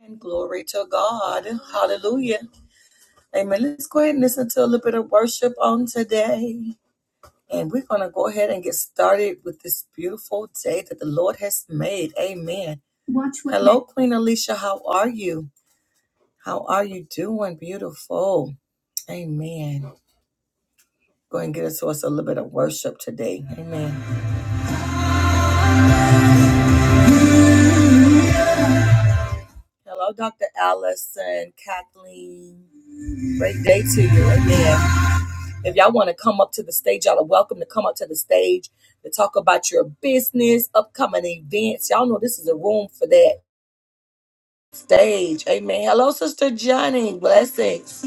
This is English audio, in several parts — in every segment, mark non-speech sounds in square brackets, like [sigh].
And glory to God. Hallelujah. Amen. Let's go ahead and listen to a little bit of worship on today. And we're going to go ahead and get started with this beautiful day that the Lord has made. Amen. Watch what Hello, Queen Alicia. How are you? How are you doing? Beautiful. Amen. Go ahead and get us to us a little bit of worship today. Amen. Hello, Dr. Allison, Kathleen. Great day to you. Amen. If y'all want to come up to the stage, y'all are welcome to come up to the stage to talk about your business, upcoming events. Y'all know this is a room for that stage. Amen. Hello, Sister Johnny. Blessings.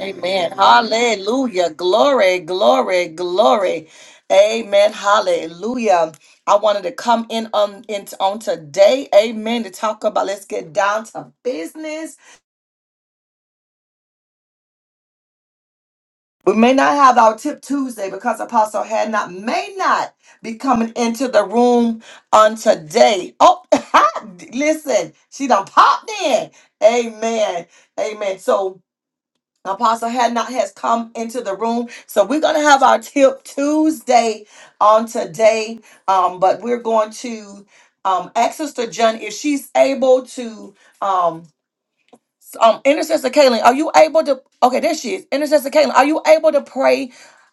Amen. Hallelujah. Glory, glory, glory. Amen. Hallelujah. I wanted to come in on, in, on today. Amen. To talk about let's get down to business We may not have our tip Tuesday because Apostle had not may not be coming into the room on today. Oh, [laughs] listen, she done popped in. Amen. Amen. So Apostle had not has come into the room. So we're gonna have our tip Tuesday on today. Um, but we're going to um ask Sister Jen if she's able to Um, um intercessor Kaylin, are you able to okay, there she is. Intercessor Kaylin, are you able to pray?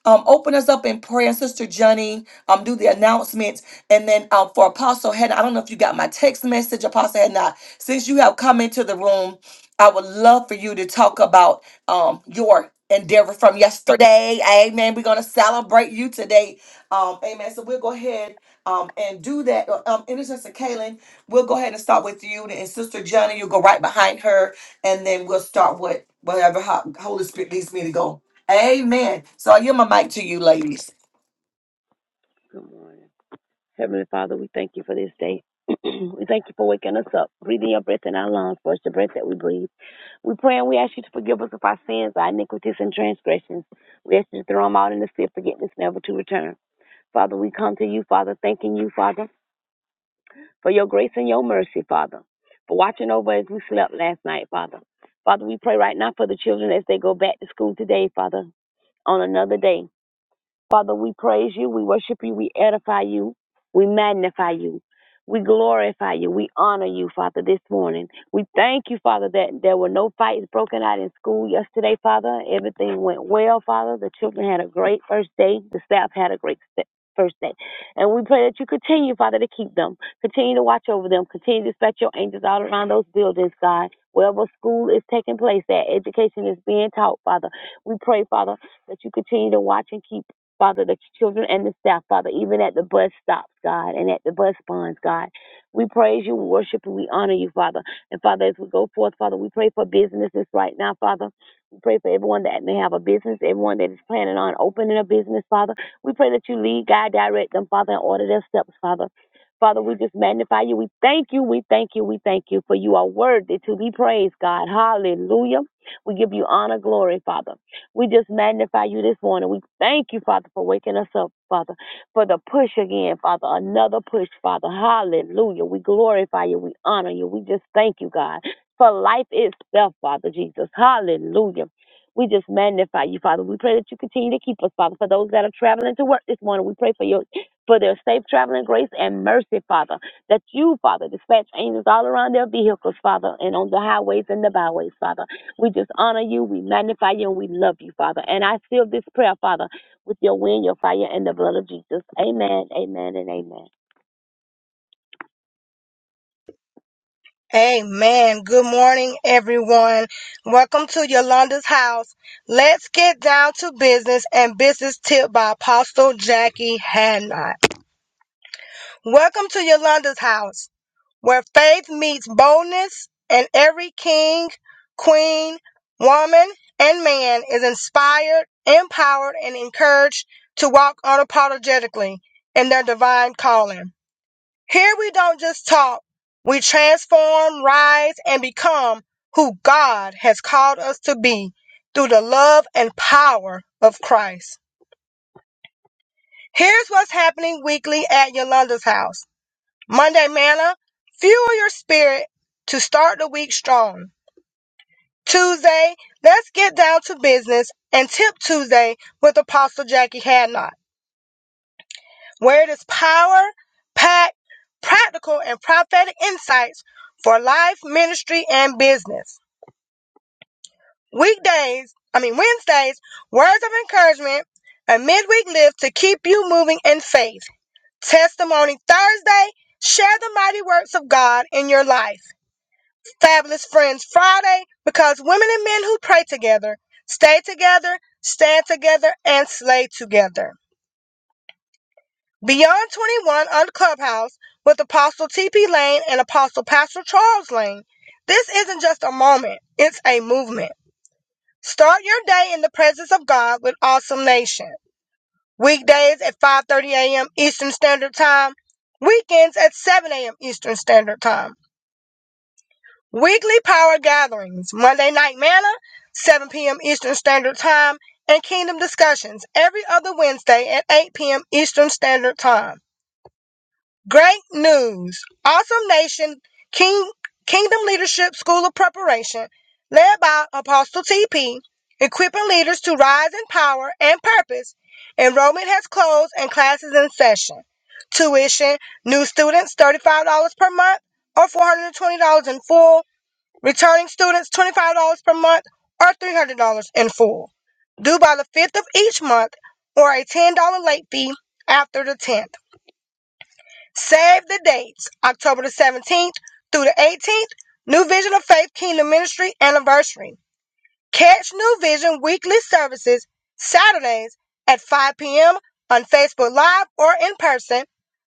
Um, open us up in prayer, Sister Johnny. Um, do the announcements, and then um, for Apostle Hannah, I don't know if you got my text message, Apostle Hannah. Since you have come into the room, I would love for you to talk about um your endeavor from yesterday. Amen. We're gonna celebrate you today. Um, amen. So we'll go ahead um and do that. Uh, Um, Intercessor Kaylin, we'll go ahead and start with you, and Sister Johnny. You'll go right behind her and then we'll start what whatever ho- Holy Spirit leads me to go. Amen. So I give my mic to you, ladies. Good morning. Heavenly Father, we thank you for this day. [clears throat] we thank you for waking us up, breathing your breath in our lungs, for it's the breath that we breathe. We pray and we ask you to forgive us of our sins, our iniquities, and transgressions. We ask you to throw them out in the sea of forgiveness, never to return. Father, we come to you, Father, thanking you, Father, for your grace and your mercy, Father, for watching over as we slept last night, Father. Father, we pray right now for the children as they go back to school today, Father, on another day. Father, we praise you, we worship you, we edify you, we magnify you, we glorify you, we honor you, Father, this morning. We thank you, Father, that there were no fights broken out in school yesterday, Father. Everything went well, Father. The children had a great first day, the staff had a great st- First day. And we pray that you continue, Father, to keep them. Continue to watch over them. Continue to dispatch your angels all around those buildings, God. Wherever school is taking place, that education is being taught, Father. We pray, Father, that you continue to watch and keep Father, the children and the staff, Father, even at the bus stops, God, and at the bus bonds, God. We praise you, we worship you, we honor you, Father. And Father, as we go forth, Father, we pray for businesses right now, Father. We pray for everyone that may have a business, everyone that is planning on opening a business, Father. We pray that you lead, guide, direct them, Father, and order their steps, Father. Father, we just magnify you. We thank you. We thank you. We thank you for you are worthy to be praised, God. Hallelujah. We give you honor, glory, Father. We just magnify you this morning. We thank you, Father, for waking us up, Father, for the push again, Father, another push, Father. Hallelujah. We glorify you. We honor you. We just thank you, God, for life itself, Father Jesus. Hallelujah. We just magnify you, Father. We pray that you continue to keep us, Father. For those that are traveling to work this morning, we pray for your for their safe traveling grace and mercy, Father. That you, Father, dispatch angels all around their vehicles, Father, and on the highways and the byways, Father. We just honor you, we magnify you, and we love you, Father. And I seal this prayer, Father, with your wind, your fire, and the blood of Jesus. Amen, amen, and amen. Amen. Good morning, everyone. Welcome to Yolanda's house. Let's get down to business and business tip by Apostle Jackie Hadnot. Welcome to Yolanda's house, where faith meets boldness, and every king, queen, woman, and man is inspired, empowered, and encouraged to walk unapologetically in their divine calling. Here we don't just talk, we transform, rise, and become who God has called us to be through the love and power of Christ. Here's what's happening weekly at Yolanda's house Monday, manna, fuel your spirit to start the week strong. Tuesday, let's get down to business and tip Tuesday with Apostle Jackie Hadnock. where it is power packed, practical, and prophetic insights for life, ministry, and business. Weekdays, I mean, Wednesdays, words of encouragement, a midweek lift to keep you moving in faith. Testimony Thursday, share the mighty works of God in your life. Fabulous Friends Friday, because women and men who pray together, stay together, stand together, and slay together. Beyond 21 on Clubhouse with Apostle TP Lane and Apostle Pastor Charles Lane. This isn't just a moment, it's a movement. Start your day in the presence of God with Awesome Nation. Weekdays at 5:30 a.m. Eastern Standard Time, weekends at 7 a.m. Eastern Standard Time. Weekly power gatherings, Monday night manna, 7 p.m. Eastern Standard Time, and kingdom discussions every other Wednesday at 8 p.m. Eastern Standard Time. Great news! Awesome Nation King, Kingdom Leadership School of Preparation, led by Apostle TP, equipping leaders to rise in power and purpose. Enrollment has closed and classes in session. Tuition, new students $35 per month or $420 in full. Returning students $25 per month or $300 in full. Due by the 5th of each month or a $10 late fee after the 10th. Save the dates October the 17th through the 18th, New Vision of Faith Kingdom Ministry anniversary. Catch New Vision weekly services Saturdays at 5 p.m. on Facebook Live or in person,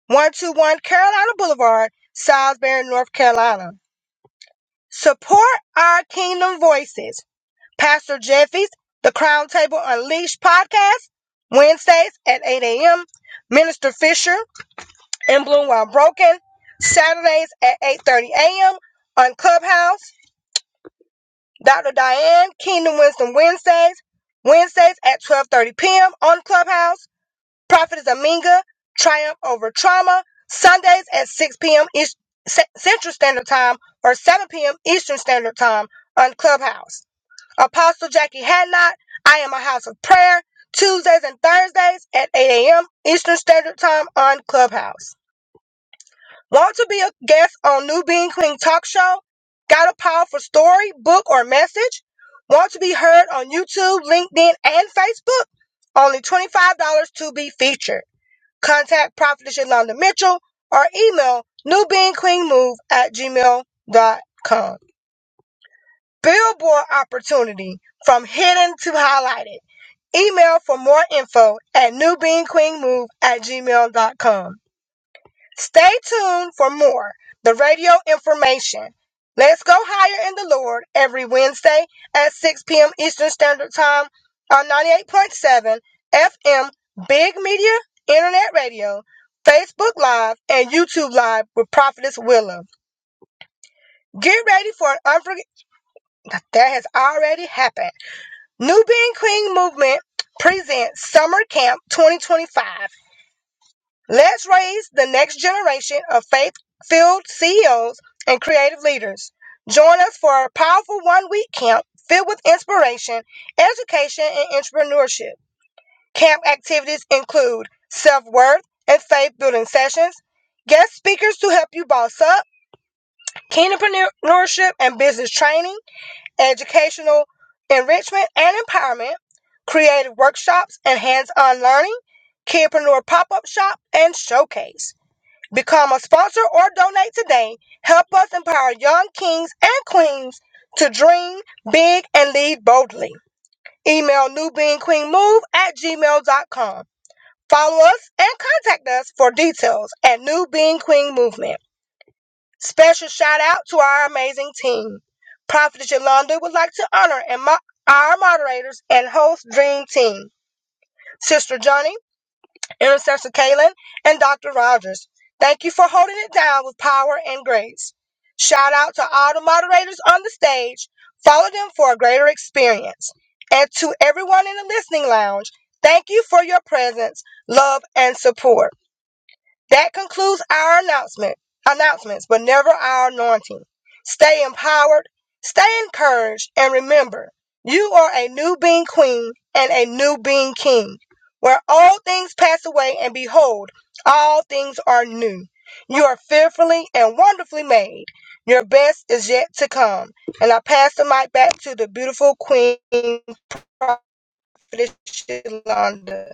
121 Carolina Boulevard, Salisbury, North Carolina. Support our Kingdom Voices. Pastor Jeffy's The Crown Table Unleashed podcast, Wednesdays at 8 a.m. Minister Fisher in Bloom While Broken, Saturdays at 8.30 a.m. on Clubhouse. Dr. Diane, Kingdom Wisdom Wednesdays, Wednesdays at 12.30 p.m. on Clubhouse. Prophet is Aminga, Triumph Over Trauma, Sundays at 6 p.m. East, C- Central Standard Time or 7 p.m. Eastern Standard Time on Clubhouse. Apostle Jackie Hadnot, I Am a House of Prayer, Tuesdays and Thursdays at 8 a.m. Eastern Standard Time on Clubhouse. Want to be a guest on New Being Clean Talk Show? Got a powerful story, book, or message? Want to be heard on YouTube, LinkedIn, and Facebook? Only $25 to be featured. Contact Prophetess Yolanda Mitchell or email newbeingqueenmove at gmail.com. Billboard opportunity from hidden to highlighted. Email for more info at newbeingqueenmove at gmail.com. Stay tuned for more the radio information. Let's go higher in the Lord every Wednesday at 6 p.m. Eastern Standard Time on 98.7 FM Big Media Internet Radio, Facebook Live, and YouTube Live with Prophetess Willow. Get ready for an unforgettable that has already happened. New Being Queen Movement presents Summer Camp 2025 Let's raise the next generation of faith filled CEOs and creative leaders. Join us for a powerful one week camp filled with inspiration, education, and entrepreneurship. Camp activities include self worth and faith building sessions, guest speakers to help you boss up, entrepreneurship and business training, educational enrichment and empowerment, creative workshops and hands on learning, kidpreneur pop up shop, and showcase. Become a sponsor or donate today. Help us empower young kings and queens to dream big and lead boldly. Email newbeingqueenmove at gmail.com. Follow us and contact us for details at New Being Queen Movement. Special shout out to our amazing team. Prophet Yolanda would like to honor and mo- our moderators and host Dream Team. Sister Johnny Intercessor Kalen and Dr. Rogers. Thank you for holding it down with power and grace. Shout out to all the moderators on the stage. Follow them for a greater experience. And to everyone in the listening lounge, thank you for your presence, love, and support. That concludes our announcement announcements, but never our anointing. Stay empowered, stay encouraged, and remember, you are a new being queen and a new being king, where all things pass away and behold, all things are new. You are fearfully and wonderfully made. Your best is yet to come. And I pass the mic back to the beautiful queen, Prophetess Shalonda.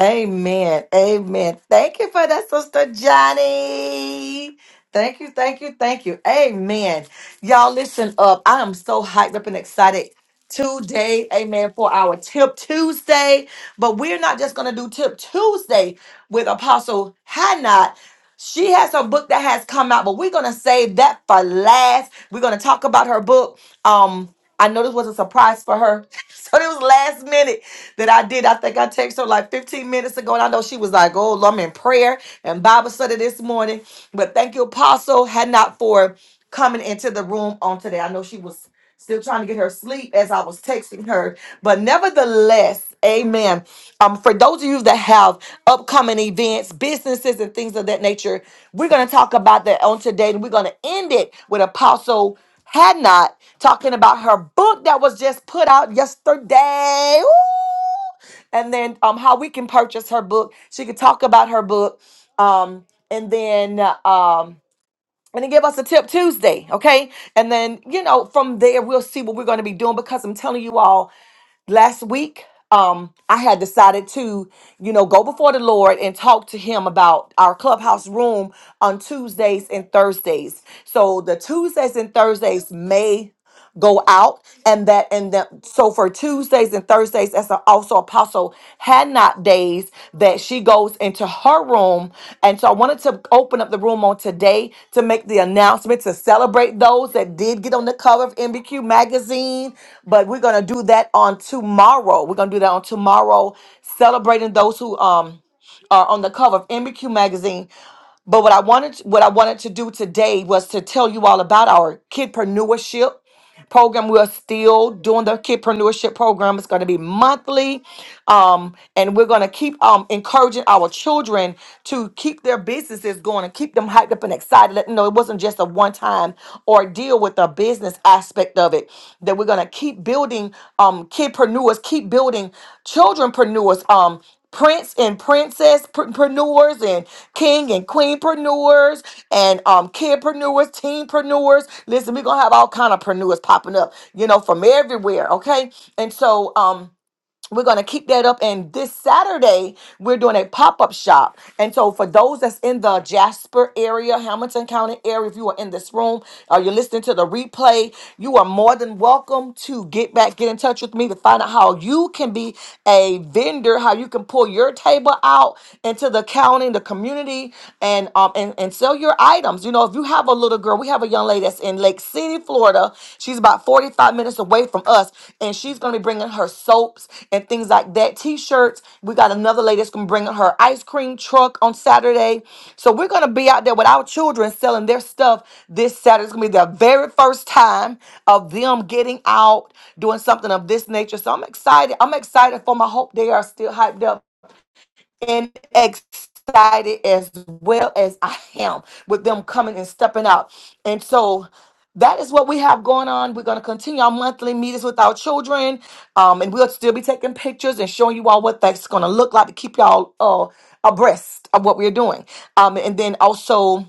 Amen. Amen. Thank you for that, Sister Johnny. Thank you, thank you, thank you. Amen. Y'all listen up. I am so hyped up and excited today. Amen. For our Tip Tuesday. But we're not just going to do Tip Tuesday with Apostle Hannah. She has her book that has come out, but we're gonna save that for last. We're gonna talk about her book. Um, I know this was a surprise for her, [laughs] so it was last minute that I did. I think I texted her like 15 minutes ago, and I know she was like, "Oh, Lord, I'm in prayer and Bible study this morning." But thank you, Apostle Had not for coming into the room on today. I know she was. Still trying to get her sleep as I was texting her. But nevertheless, amen. Um, for those of you that have upcoming events, businesses, and things of that nature, we're going to talk about that on today. And we're going to end it with Apostle Hadnot talking about her book that was just put out yesterday. Ooh! and then um how we can purchase her book. She could talk about her book. Um and then uh, um and then give us a tip Tuesday, okay? And then you know from there we'll see what we're going to be doing because I'm telling you all, last week um I had decided to you know go before the Lord and talk to Him about our clubhouse room on Tuesdays and Thursdays. So the Tuesdays and Thursdays may go out and that and that so for tuesdays and thursdays that's also apostle also had not days that she goes into her room. And so I wanted to open up the room on today to make the announcement to celebrate those that did get on the cover of MBQ magazine. But we're gonna do that on tomorrow. We're gonna do that on tomorrow, celebrating those who um are on the cover of MBQ magazine. But what I wanted what I wanted to do today was to tell you all about our kidpreneurship program. We're still doing the kidpreneurship program. It's going to be monthly. Um, and we're going to keep um, encouraging our children to keep their businesses going and keep them hyped up and excited. Let them know it wasn't just a one time ordeal with the business aspect of it. That we're going to keep building um, kidpreneurs, keep building childrenpreneurs. Um, prince and princess preneurs and king and queenpreneurs and um kidpreneurs, teenpreneurs. Listen, we're gonna have all kind of preneurs popping up, you know, from everywhere. Okay, and so um we're going to keep that up and this saturday we're doing a pop-up shop and so for those that's in the jasper area hamilton county area if you are in this room or you're listening to the replay you are more than welcome to get back get in touch with me to find out how you can be a vendor how you can pull your table out into the county the community and um and, and sell your items you know if you have a little girl we Florida. We have a young lady that's in Lake City, Florida. She's about 45 minutes away from us, and she's going to be bringing her soaps and things like that, t shirts. We got another lady that's going to bring her ice cream truck on Saturday. So we're going to be out there with our children selling their stuff this Saturday. It's going to be their very first time of them getting out, doing something of this nature. So I'm excited. I'm excited for my hope they are still hyped up and excited as well as I am with them coming and stepping out. And so that is what we have going on. We're going to continue our monthly meetings with our children, um, and we'll still be taking pictures and showing you all what that's going to look like to keep y'all uh, abreast of what we're doing. Um, and then also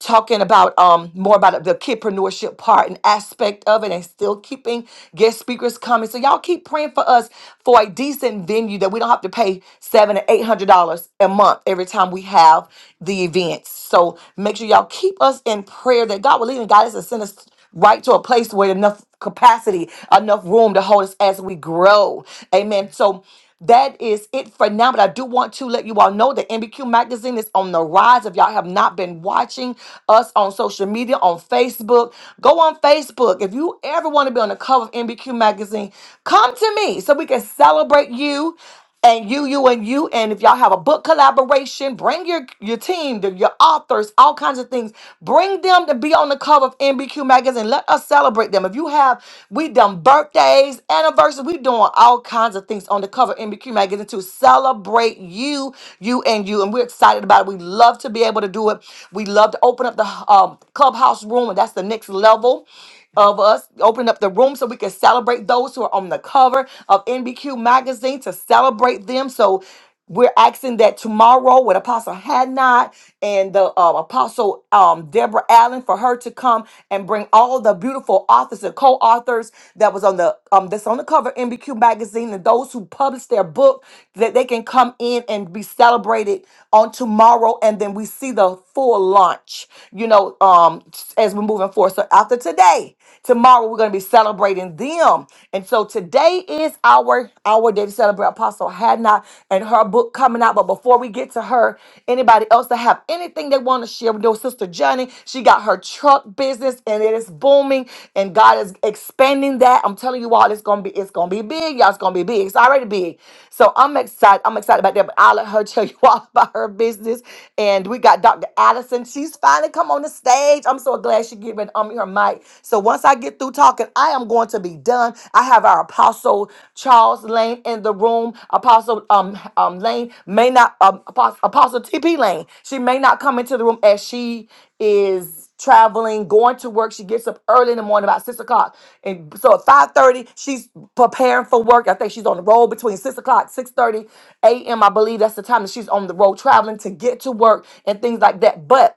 talking about um more about the kidpreneurship part and aspect of it and still keeping guest speakers coming. So y'all keep praying for us for a decent venue that we don't have to pay seven or eight hundred dollars a month every time we have the events. So make sure y'all keep us in prayer that God will lead and guide us and send us right to a place where enough capacity, enough room to hold us as we grow. Amen. So that is it for now, but I do want to let you all know that MBQ Magazine is on the rise. If y'all have not been watching us on social media, on Facebook, go on Facebook. If you ever want to be on the cover of MBQ Magazine, come to me so we can celebrate you and you, you, and you. And if y'all have a book collaboration, bring your your team, the- your authors, all kinds of things. Bring them to be on the cover of NBQ magazine. Let us celebrate them. If you have, we done birthdays, anniversaries, we doing all kinds of things on the cover of NBQ magazine to celebrate you, you, and you. And we're excited about it. We love to be able to do it. We love to open up the um, clubhouse room, and that's the next level of us open up the room so we can celebrate those who are on the cover of NBQ magazine to celebrate them. So we're asking that tomorrow with Apostle Hadnot and the uh, Apostle um, Deborah Allen for her to come and bring all the beautiful authors and co-authors that was on the um, that's on the cover of NBQ magazine and those who published their book that they can come in and be celebrated on tomorrow and then we see the full launch you know um as we move 2004. So after today, tomorrow we're going to be celebrating them. And so today is our our day to celebrate Apostle Hannah and her book coming out. But before we get to her, anybody else that have anything they want to share with your sister Johnny, she got her truck business and it is booming, and God is expanding that. I'm telling you all, it's gonna be it's gonna be big, y'all. It's gonna be big. It's already big. So I'm excited. I'm excited about that. But I'll let her [laughs] tell you all [laughs] about her business. And we got Dr. Allison. She's finally come on the stage stage. I'm so glad she giving um her mic. So once I get through talking, I am going to be done. I have our apostle Charles Lane in the room. Apostle um um Lane may not um, apostle, apostle TP Lane. She may not come into the room as she is traveling, going to work. She gets up early in the morning, about six o'clock, and so at five thirty, she's preparing for work. I think she's on the road between six o'clock, six thirty a.m. I believe that's the time that she's on the road traveling to get to work and things like that. But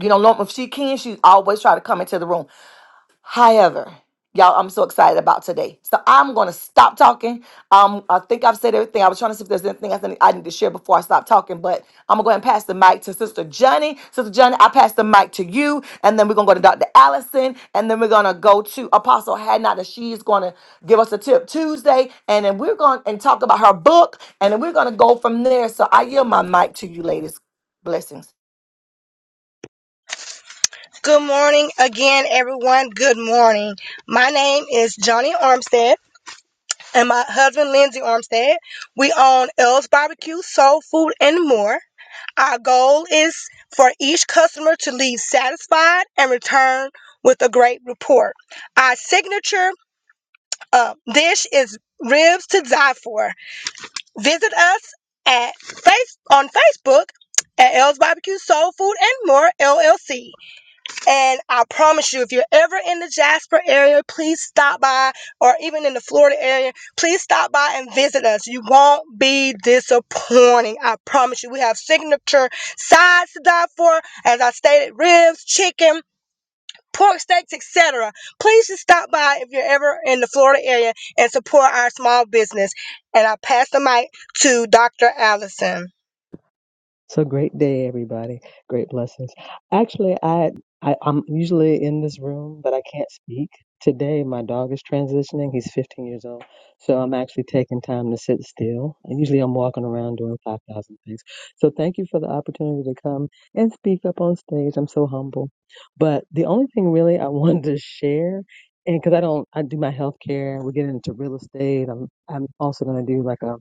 you know, norm- if she can, she always try to come into the room. However, y'all, I'm so excited about today. So I'm gonna stop talking. Um, I think I've said everything. I was trying to see if there's anything else I need I need to share before I stop talking, but I'm gonna go ahead and pass the mic to Sister Johnny. Sister Johnny, I pass the mic to you, and then we're gonna go to Dr. Allison, and then we're gonna go to Apostle Hadnot, and she's gonna give us a tip Tuesday, and then we're gonna and talk about her book, and then we're gonna go from there. So I yield my mic to you, ladies. Blessings. Good morning again, everyone. Good morning. My name is Johnny Armstead and my husband, Lindsay Armstead. We own L's Barbecue, Soul Food, and more. Our goal is for each customer to leave satisfied and return with a great report. Our signature uh, dish is ribs to die for. Visit us at face on Facebook at L's Barbecue, Soul Food, and more LLC. And I promise you, if you're ever in the Jasper area, please stop by, or even in the Florida area, please stop by and visit us. You won't be disappointing. I promise you. We have signature sides to die for, as I stated, ribs, chicken. Pork steaks, etc. Please just stop by if you're ever in the Florida area and support our small business. And I pass the mic to Dr. Allison. So great day, everybody. Great blessings. Actually, I, I I'm usually in this room, but I can't speak today. My dog is transitioning. He's 15 years old, so I'm actually taking time to sit still. And usually, I'm walking around doing 5,000 things. So thank you for the opportunity to come and speak up on stage. I'm so humble. But the only thing really I [laughs] wanted to share. And because I don't, I do my healthcare. We get into real estate. I'm, I'm also going to do like a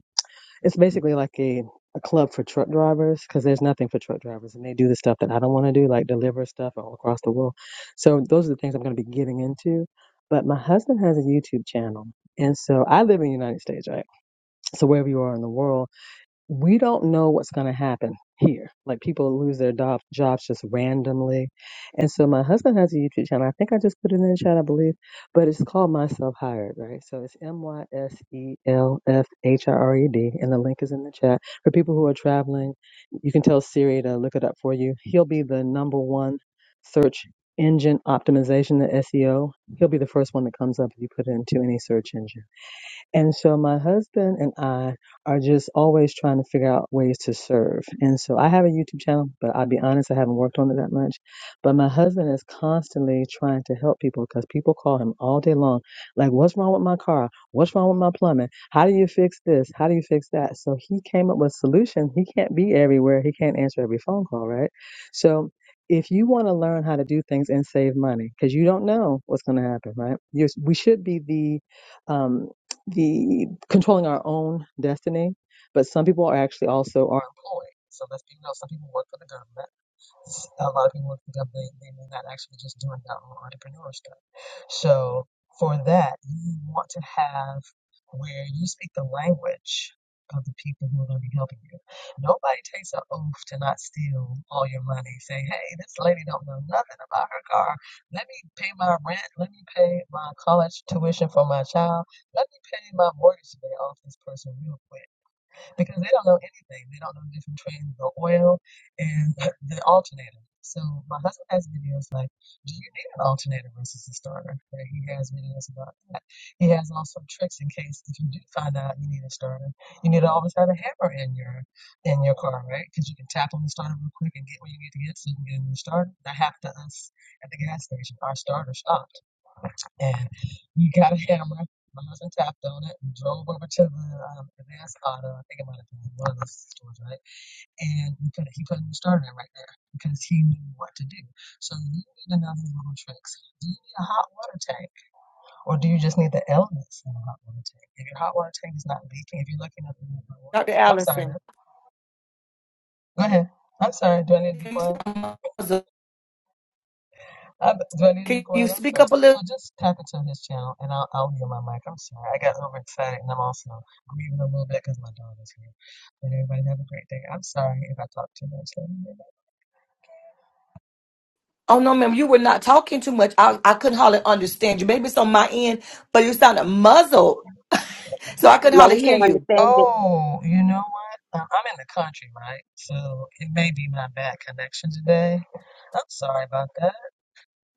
it's basically like a, a club for truck drivers because there's nothing for truck drivers and they do the stuff that I don't want to do, like deliver stuff all across the world. So those are the things I'm going to be getting into. But my husband has a YouTube channel. And so I live in the United States, right? So wherever you are in the world, we don't know what's going to happen here. Like people lose their do- jobs just randomly. And so my husband has a YouTube channel. I think I just put it in the chat, I believe, but it's called Myself Hired, right? So it's M Y S E L F H I R E D. And the link is in the chat. For people who are traveling, you can tell Siri to look it up for you. He'll be the number one search engine optimization, the SEO. He'll be the first one that comes up if you put it into any search engine. And so my husband and I are just always trying to figure out ways to serve. And so I have a YouTube channel, but I'll be honest, I haven't worked on it that much. But my husband is constantly trying to help people because people call him all day long, like, what's wrong with my car? What's wrong with my plumbing? How do you fix this? How do you fix that? So he came up with solutions. He can't be everywhere. He can't answer every phone call, right? So if you want to learn how to do things and save money, because you don't know what's going to happen, right? You're, we should be the um, the controlling our own destiny, but some people are actually also are employed. So let's be real, some people work for the government. A lot of people work for the government, they, they may not actually be just doing that entrepreneurship. So for that, you want to have where you speak the language of the people who are going to be helping you. Nobody takes an oath to not steal all your money. Say, hey, this lady don't know nothing about her car. Let me pay my rent. Let me pay my college tuition for my child. Let me pay my mortgage today off this person real quick because they don't know anything. They don't know the difference between the oil and [laughs] the alternator. So my husband has videos like, do you need an alternator versus a starter? And he has videos about that. He has also tricks in case if you do find out you need a starter, you need to always have a hammer in your in your car, right? Because you can tap on the starter real quick and get what you need to get, so you can get a new starter. That happened to us at the gas station. Our starter stopped and we got a hammer. My husband tapped on it and drove over to the um, advanced auto. I think it might have been one of those stores, right? And we put he put a new starter in right there because he knew what to do. So you need to know these little tricks. Do you need a hot water tank, or do you just need the elements in a hot water tank? If your hot water tank is not leaking, if you're looking at the water, Dr. I'm sorry, Allison. man. Go ahead. I'm sorry. Do I need to be Can quiet? I, do I need to be you quiet? I'm speak sorry. up a So little? just tap into his channel, and I'll I'll get my mic. I'm sorry. I got overexcited, and I'm also grieving a little bit because my dog is here. But everybody have a great day. I'm sorry if I talk too much. Let me know. Oh no, ma'am, you were not talking too much. I, I couldn't hardly understand you. Maybe it's on my end, but you sounded muzzled, so I couldn't Now hardly we can hear you. understand it. Oh, you know what? Um, I'm in the country, right? So it may be my bad connection today. I'm sorry about that.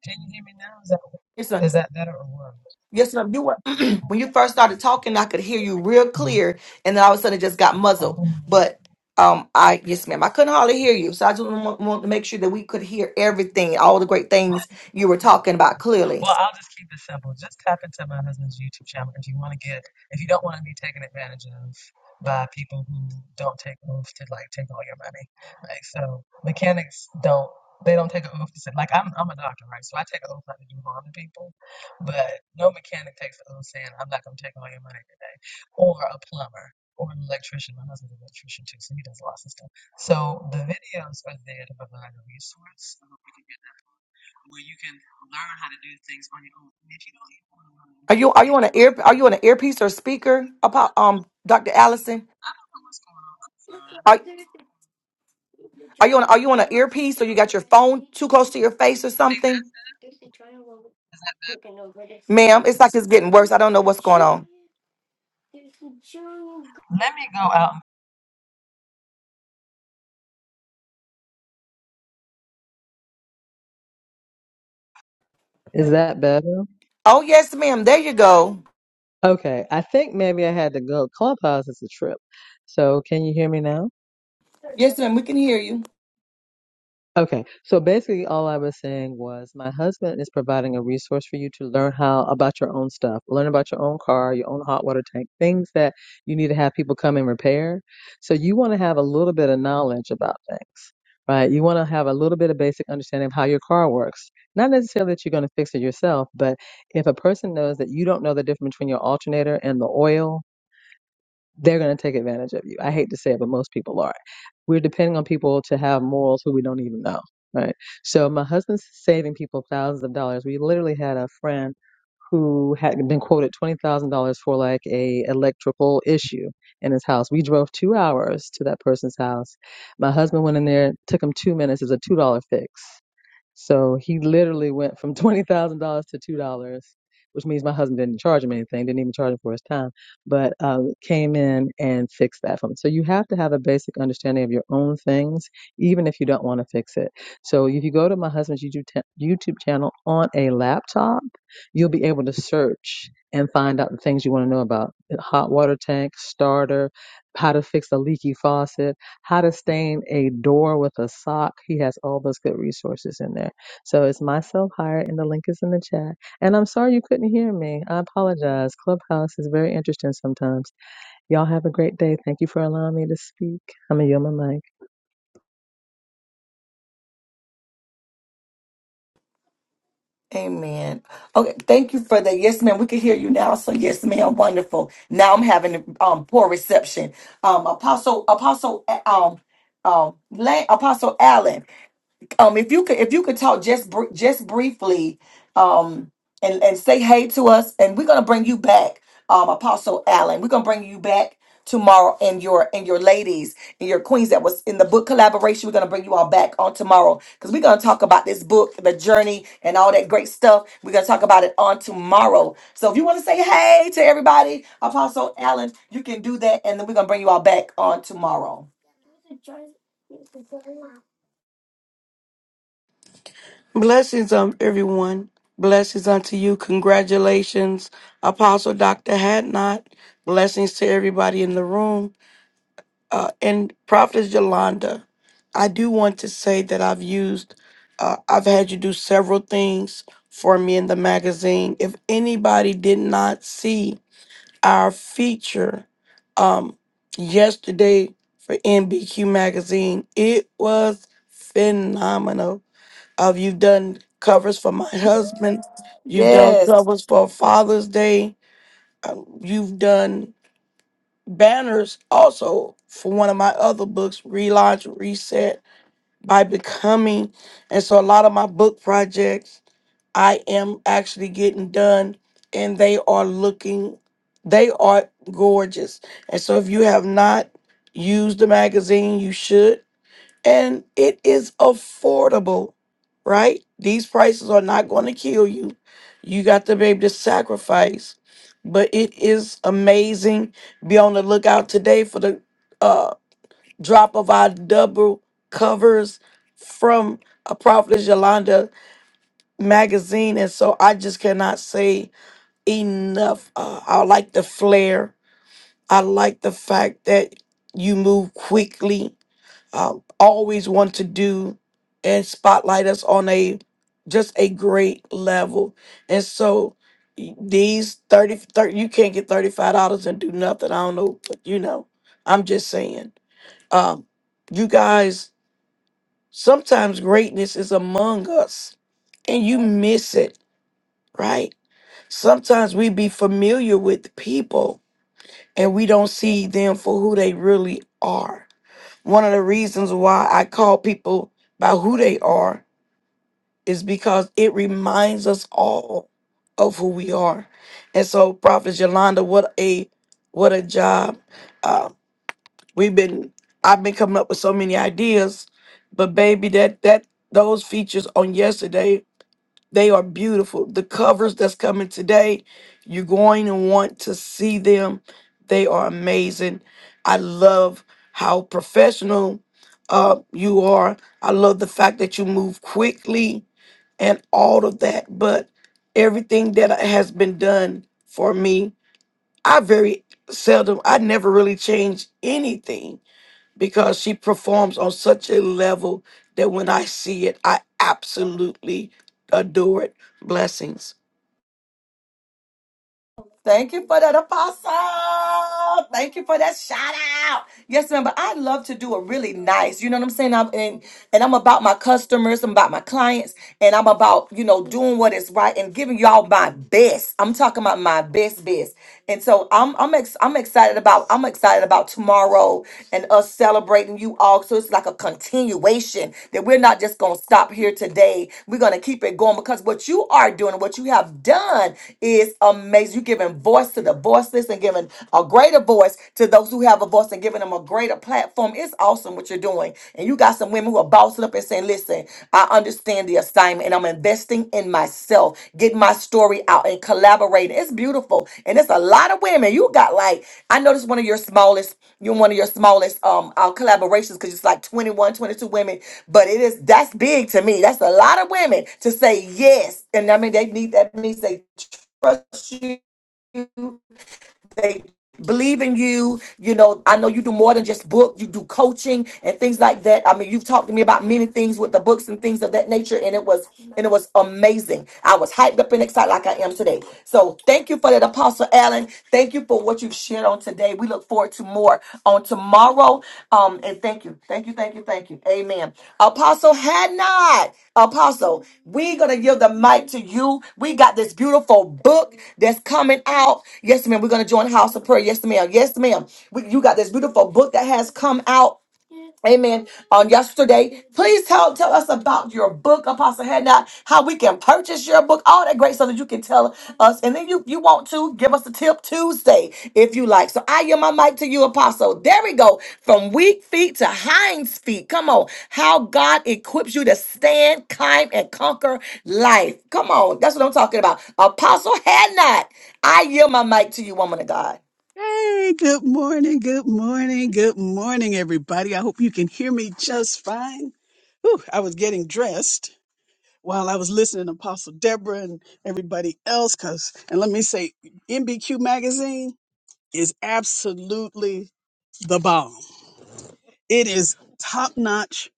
Can you hear me now? Is that Yes, ma'am. is that better or worse? Yes, ma'am. You were [clears throat] when you first started talking, I could hear you real clear, and then all of a sudden it just got muzzled. Mhm. But um, I yes, ma'am, I couldn't hardly hear you, so I just want, want to make sure that we could hear everything, all the great things you were talking about clearly. Well, I'll just keep it simple. Just tap into my husband's YouTube channel if you want to get, if you don't want to be taken advantage of by people who don't take oaths to like take all your money. Like, so mechanics don't, they don't take an oath to say, like, I'm, I'm a doctor, right? So I take an oath not to do harm to people, but no mechanic takes an oath saying, I'm not going to take all your money today. Or a plumber. Or an electrician. My husband's an electrician too, so he does lots of stuff. So the videos are there to provide a resource. I hope you can get that where you can learn how to do things on your own if you don't get online. Are you are you on an ear? Are you on an earpiece or speaker? About um, Dr. Allison. I don't know what's going on, son. Are, are you on are you on an earpiece or you got your phone too close to your face or something? Ma'am, it's like it's getting worse. I don't know what's going on. Let me go out. Is that better? Oh yes, ma'am. There you go. Okay. I think maybe I had to go. Clubhouse is a trip. So can you hear me now? Yes, ma'am. We can hear you. Okay, so basically, all I was saying was my husband is providing a resource for you to learn how about your own stuff, learn about your own car, your own hot water tank, things that you need to have people come and repair. So you want to have a little bit of knowledge about things, right? You want to have a little bit of basic understanding of how your car works. Not necessarily that you're going to fix it yourself, but if a person knows that you don't know the difference between your alternator and the oil, they're going to take advantage of you. I hate to say it, but most people are. We're depending on people to have morals who we don't even know, right? So my husband's saving people thousands of dollars. We literally had a friend who had been quoted $20,000 for like a electrical issue in his house. We drove 2 hours to that person's house. My husband went in there, took him 2 minutes. It was a $2 fix. So he literally went from twenty thousand dollars to two dollars, which means my husband didn't charge him anything, didn't even charge him for his time, but um, came in and fixed that for him. So you have to have a basic understanding of your own things, even if you don't want to fix it. So if you go to my husband's YouTube ta- YouTube channel on a laptop, you'll be able to search and find out the things you want to know about hot water tank starter, how to fix a leaky faucet how to Stain a Door with a Sock. He has all those good resources in there. So it's myself hired, and the link is in the chat. And I'm sorry you couldn't hear me. I apologize. Clubhouse is very interesting sometimes. Y'all have a great day. Thank you for allowing me to speak. I'm a Yoma Mike. Amen. Okay, thank you for that. Yes, ma'am. We can hear you now. So yes, ma'am. Wonderful. Now I'm having um poor reception. Um, Apostle Apostle uh, um um La- Apostle Allen. Um, if you could, if you could talk just br- just briefly, um, and and say hey to us, and we're gonna bring you back, um, Apostle Allen. We're gonna bring you back tomorrow, and your and your ladies and your queens that was in the book collaboration. We're gonna bring you all back on tomorrow because we're gonna talk about this book, the journey, and all that great stuff. We're gonna talk about it on tomorrow. So if you want to say hey to everybody, Apostle Allen, you can do that, and then we're gonna bring you all back on tomorrow. Blessings on everyone. Blessings unto you. Congratulations, Apostle Dr. Hadnot. Blessings to everybody in the room. Uh, and Prophetess Yolanda, I do want to say that I've used, uh, I've had you do several things for me in the magazine. If anybody did not see our feature um, yesterday for NBQ Magazine, it was phenomenal uh, you've done covers for my husband. You've done covers for Father's Day. Uh, you've done banners also for one of my other books, Relaunch, Reset, by Becoming. And so a lot of my book projects I am actually getting done, and they are looking, they are gorgeous. And so if you have not used the magazine, you should and it is affordable, right? These prices are not going to kill you. You got to be able to sacrifice, but it is amazing. Be on the lookout today for the uh, drop of our double covers from a Prophetess Yolanda magazine. And so I just cannot say enough. Uh, I like the flair, I like the fact that you move quickly um, always want to do and spotlight us on a just a great level. And so y- these 30, thirty you can't get $35 and do nothing. I don't know, but you know, I'm just saying. Um, you guys, sometimes greatness is among us and you miss it, right? Sometimes we be familiar with people and we don't see them for who they really are one of the reasons why I call people by who they are is because it reminds us all of who we are. And so, Prophet Yolanda, what a what a job. Uh, we've been I've been coming up with so many ideas, but baby, that that those features on yesterday they are beautiful. The covers that's coming today, you're going to want to see them. They are amazing. I love how professional uh, you are. I love the fact that you move quickly and all of that. But everything that has been done for me, I very seldom, I never really change anything because she performs on such a level that when I see it, I absolutely adore it. Blessings. Thank you for that, Apostle. Thank you for that shout out. Yes, ma'am. But I love to do a really nice. You know what I'm saying? I'm and, and I'm about my customers. I'm about my clients, and I'm about you know doing what is right and giving y'all my best. I'm talking about my best, best. And so I'm I'm ex- I'm excited about I'm excited about tomorrow and us celebrating you all. So it's like a continuation that we're we're not just going to stop here today. We're going to keep it going because what you are doing, and what you have done is amazing. You're giving voice to the voiceless and giving a greater voice to those who have a voice and giving them a greater platform. It's awesome what you're doing. And you got some women who are bossing up and saying, listen, I understand the assignment and I'm investing in myself, getting my story out and collaborating. It's beautiful. And it's a lot of women. You got like, I noticed one of your smallest, you're one of your smallest um uh, collaborations because it's like 21, 22 women but it is that's big to me. That's a lot of women to say yes, and I mean they need that means they trust you, they believe in you. You know, I know you do more than just book. You do coaching and things like that. I mean, you've talked to me about many things with the books and things of that nature, and it was and it was amazing. I was hyped up and excited like I am today. So thank you for that, Apostle Allen. Thank you for what you've shared on today. We look forward to more on tomorrow. Um, and thank you, thank you, thank you, thank you. Amen. Apostle had not. Apostle, we gonna give the mic to you. We got this beautiful book that's coming out. Yes, ma'am. We're gonna join House of Prayer. Yes, ma'am. Yes, ma'am. We, you got this beautiful book that has come out. Amen. On yesterday, please tell tell us about your book, Apostle Hadnot, how we can purchase your book, all that great stuff that you can tell us. And then you you want to give us a tip Tuesday if you like. So I yield my mic to you, Apostle. There we go. From weak feet to hinds feet. Come on. How God equips you to stand, climb, and conquer life. Come on. That's what I'm talking about. Apostle Hadnot. I yield my mic to you, woman of God. Hey, good morning, good morning, good morning, everybody. I hope you can hear me just fine. Whew, I was getting dressed while I was listening to Apostle Deborah and everybody else. Cause, and let me say, MBQ magazine is absolutely the bomb. It is top notch.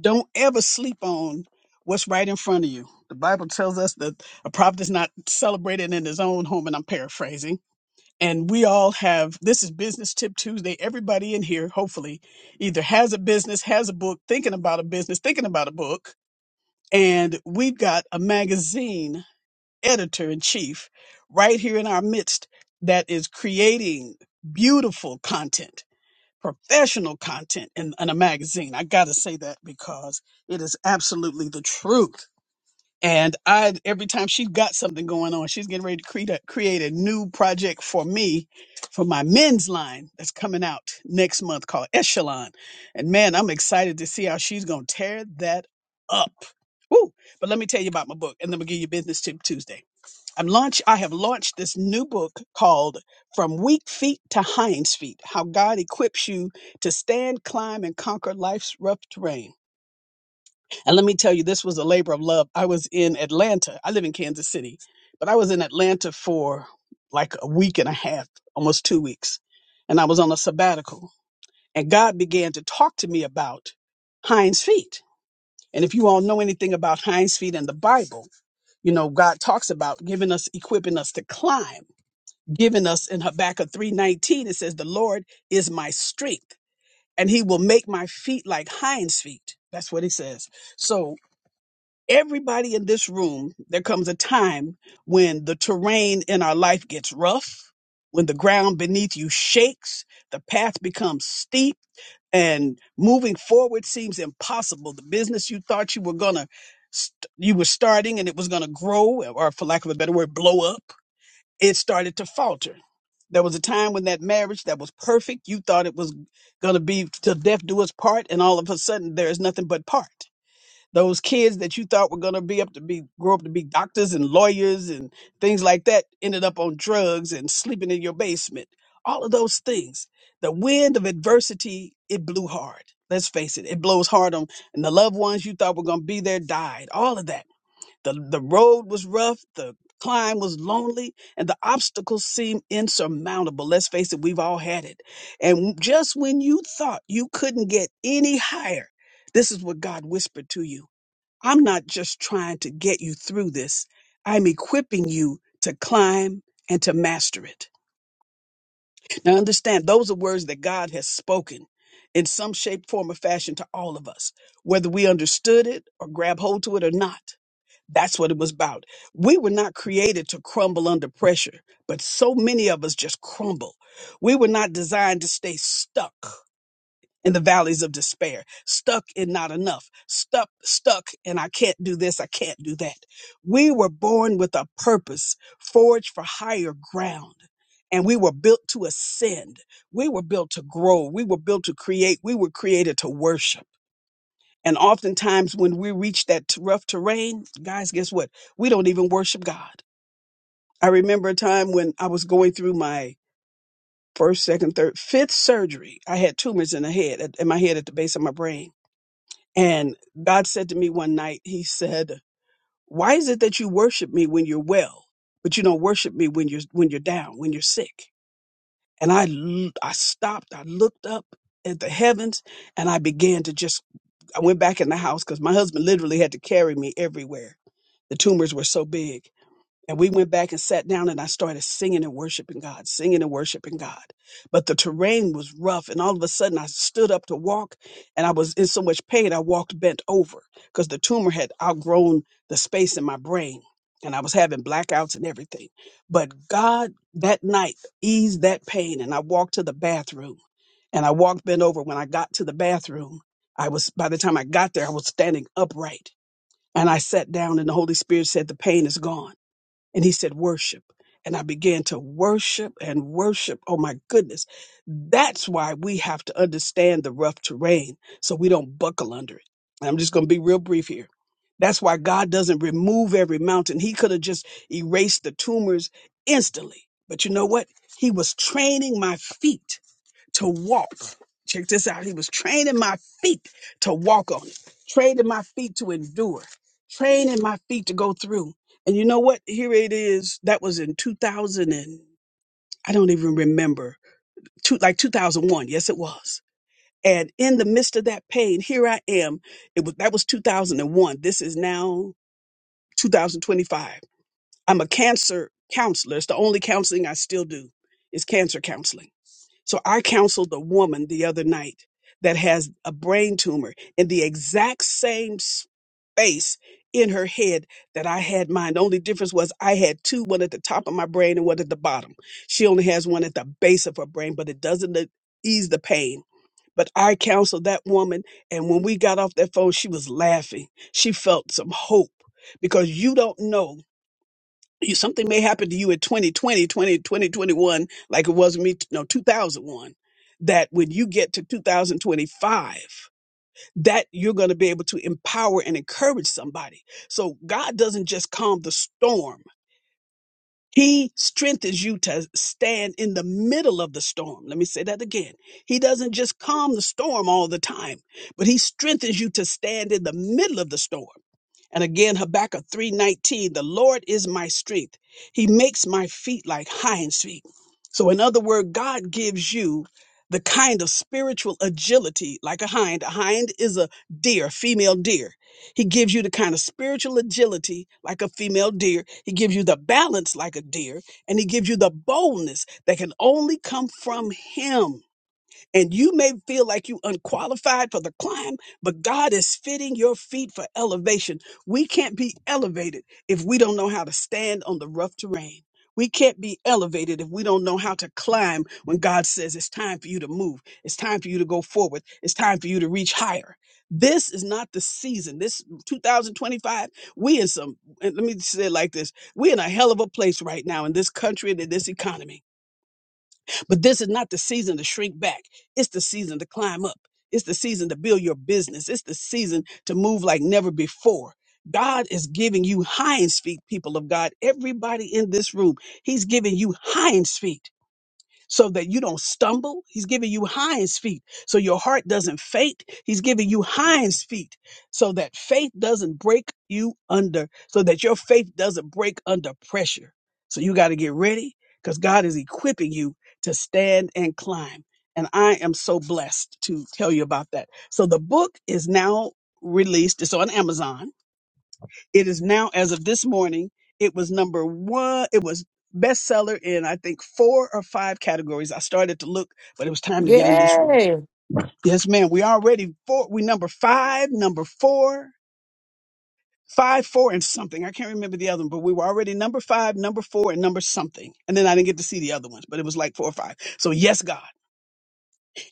Don't ever sleep on what's right in front of you. The Bible tells us that a prophet is not celebrated in his own home, and I'm paraphrasing and we all have this is business tip tuesday everybody in here hopefully either has a business has a book thinking about a business thinking about a book and we've got a magazine editor in chief right here in our midst that is creating beautiful content professional content in, in a magazine i gotta say that because it is absolutely the truth and I, every time she got something going on, she's getting ready to create a, create a new project for me, for my men's line that's coming out next month called Echelon. And man, I'm excited to see how she's going to tear that up. Woo! But let me tell you about my book, and then we'll give you business tip Tuesday. I'm launch. I have launched this new book called "From Weak Feet to Hinds Feet: How God Equips You to Stand, Climb, and Conquer Life's Rough Terrain." And let me tell you, this was a labor of love. I was in Atlanta. I live in Kansas City, but I was in Atlanta for like a week and a half, almost two weeks. And I was on a sabbatical. And God began to talk to me about hinds feet. And if you all know anything about hinds feet in the Bible, you know, God talks about giving us, equipping us to climb, giving us in Habakkuk 3.19, it says, the Lord is my strength and he will make my feet like hinds feet. That's what he says. So Everybody in this room, there comes a time when the terrain in our life gets rough, when the ground beneath you shakes, the path becomes steep, and moving forward seems impossible. The business you thought you were gonna, st- you were starting and it was gonna grow, or for lack of a better word, blow up, it started to falter. There was a time when that marriage that was perfect, you thought it was gonna be till death do us part, and all of a sudden there is nothing but part those kids that you thought were going to be up to be grow up to be doctors and lawyers and things like that ended up on drugs and sleeping in your basement all of those things the wind of adversity it blew hard let's face it it blows hard on and the loved ones you thought were going to be there died all of that the the road was rough the climb was lonely and the obstacles seemed insurmountable let's face it we've all had it and just when you thought you couldn't get any higher this is what god whispered to you I'm not just trying to get you through this. I'm equipping you to climb and to master it. Now, understand, those are words that God has spoken in some shape, form, or fashion to all of us, whether we understood it or grab hold to it or not. That's what it was about. We were not created to crumble under pressure, but so many of us just crumble. We were not designed to stay stuck in the valleys of despair, stuck in not enough, stuck, stuck, and I can't do this, I can't do that. We were born with a purpose, forged for higher ground. And we were built to ascend. We were built to grow. We were built to create. We were created to worship. And oftentimes, when we reach that t- rough terrain, guys, guess what? We don't even worship God. I remember a time when I was going through my first, second, third, fifth surgery. I had tumors in the head, in my head at the base of my brain and God said to me one night, He said, Why is it that you worship me when you're well, but you don't worship me when you're when you're down, when you're sick? And I l- I stopped, I looked up at the heavens, and I began to just I went back in the house because my husband literally had to carry me everywhere. The tumors were so big. And we went back and sat down and I started singing and worshiping God, singing and worshiping God. But the terrain was rough. And all of a sudden I stood up to walk and I was in so much pain, I walked bent over because the tumor had outgrown the space in my brain. And I was having blackouts and everything. But God that night eased that pain. And I walked to the bathroom and I walked bent over. When I got to the bathroom, I was, by the time I got there, I was standing upright. And I sat down and the Holy Spirit said, the pain is gone and he said, Worship. And I began to worship and worship. Oh my goodness. That's why we have to understand the rough terrain so we don't buckle under it. And I'm just going to be real brief here. That's why God doesn't remove every mountain. He could have just erased the tumors instantly. But you know what? He was training my feet to walk. Check this out. He was training my feet to walk on it, training my feet to endure, training my feet to go through. And you know what? Here it is. That was in 2000 and I don't even remember, two, like 2001. Yes, it was. And in the midst of that pain, here I am. It was that was 2001. This is now 2025. I'm a cancer counselor. It's the only counseling I still do is cancer counseling so I counseled a woman the other night that has a brain tumor in the exact same space in her head that I had mine. The only difference was I had two, one at the top of my brain and one at the bottom. She only has one at the base of her brain, but it doesn't uh, ease the pain. But I counseled that woman, and when we got off that phone, she was laughing. She felt some hope because you don't know. You- Something may happen to you in 2020, 20, 2021, like it was me, no, 2001, that when you get to 2025, that you're going to be able to empower and encourage somebody. So God doesn't just calm the storm. He strengthens you to stand in the middle of the storm. Let me say that again. He doesn't just calm the storm all the time, but he strengthens you to stand in the middle of the storm. And again, Habakkuk 3:19, the Lord is my strength. He makes my feet like hinds feet. So in other words, God gives you the kind of spiritual agility like a hind. A hind is a deer, female deer. He gives you the kind of spiritual agility like a female deer. He gives you the balance like a deer, and he gives you the boldness that can only come from him. And you may feel like you unqualified for the climb, but God is fitting your feet for elevation. We can't be elevated if we don't know how to stand on the rough terrain. We can't be elevated if we don't know how to climb when God says it's time for you to move. It's time for you to go forward. It's time for you to reach higher. This is not the season. This 2025, we in some, and let me say it like this. We're in a hell of a place right now in this country and in this economy but this is not the season to shrink back. It's the season to climb up. It's the season to build your business. It's the season to move like never before. God is giving you hinds feet, people of God. Everybody in this room, He's giving you hinds feet so that you don't stumble. He's giving you hinds feet so your heart doesn't faint. He's giving you hinds feet so that faith doesn't break you under, so that your faith doesn't break under pressure. So you got to get ready because God is equipping you to stand and climb. And I am so blessed to tell you about that. So the book is now released. It's on Amazon it is now, as of this morning, it was number one. It was bestseller in, I think, four or five categories. I started to look, but it was time to get in this room. Yay. Yes, ma'am. We already four. We number five, number four, five, four, and something. I can't remember the other one, but we were already number five, number four, and number something. And then I didn't get to see the other ones, but it was like four or five. So yes, God.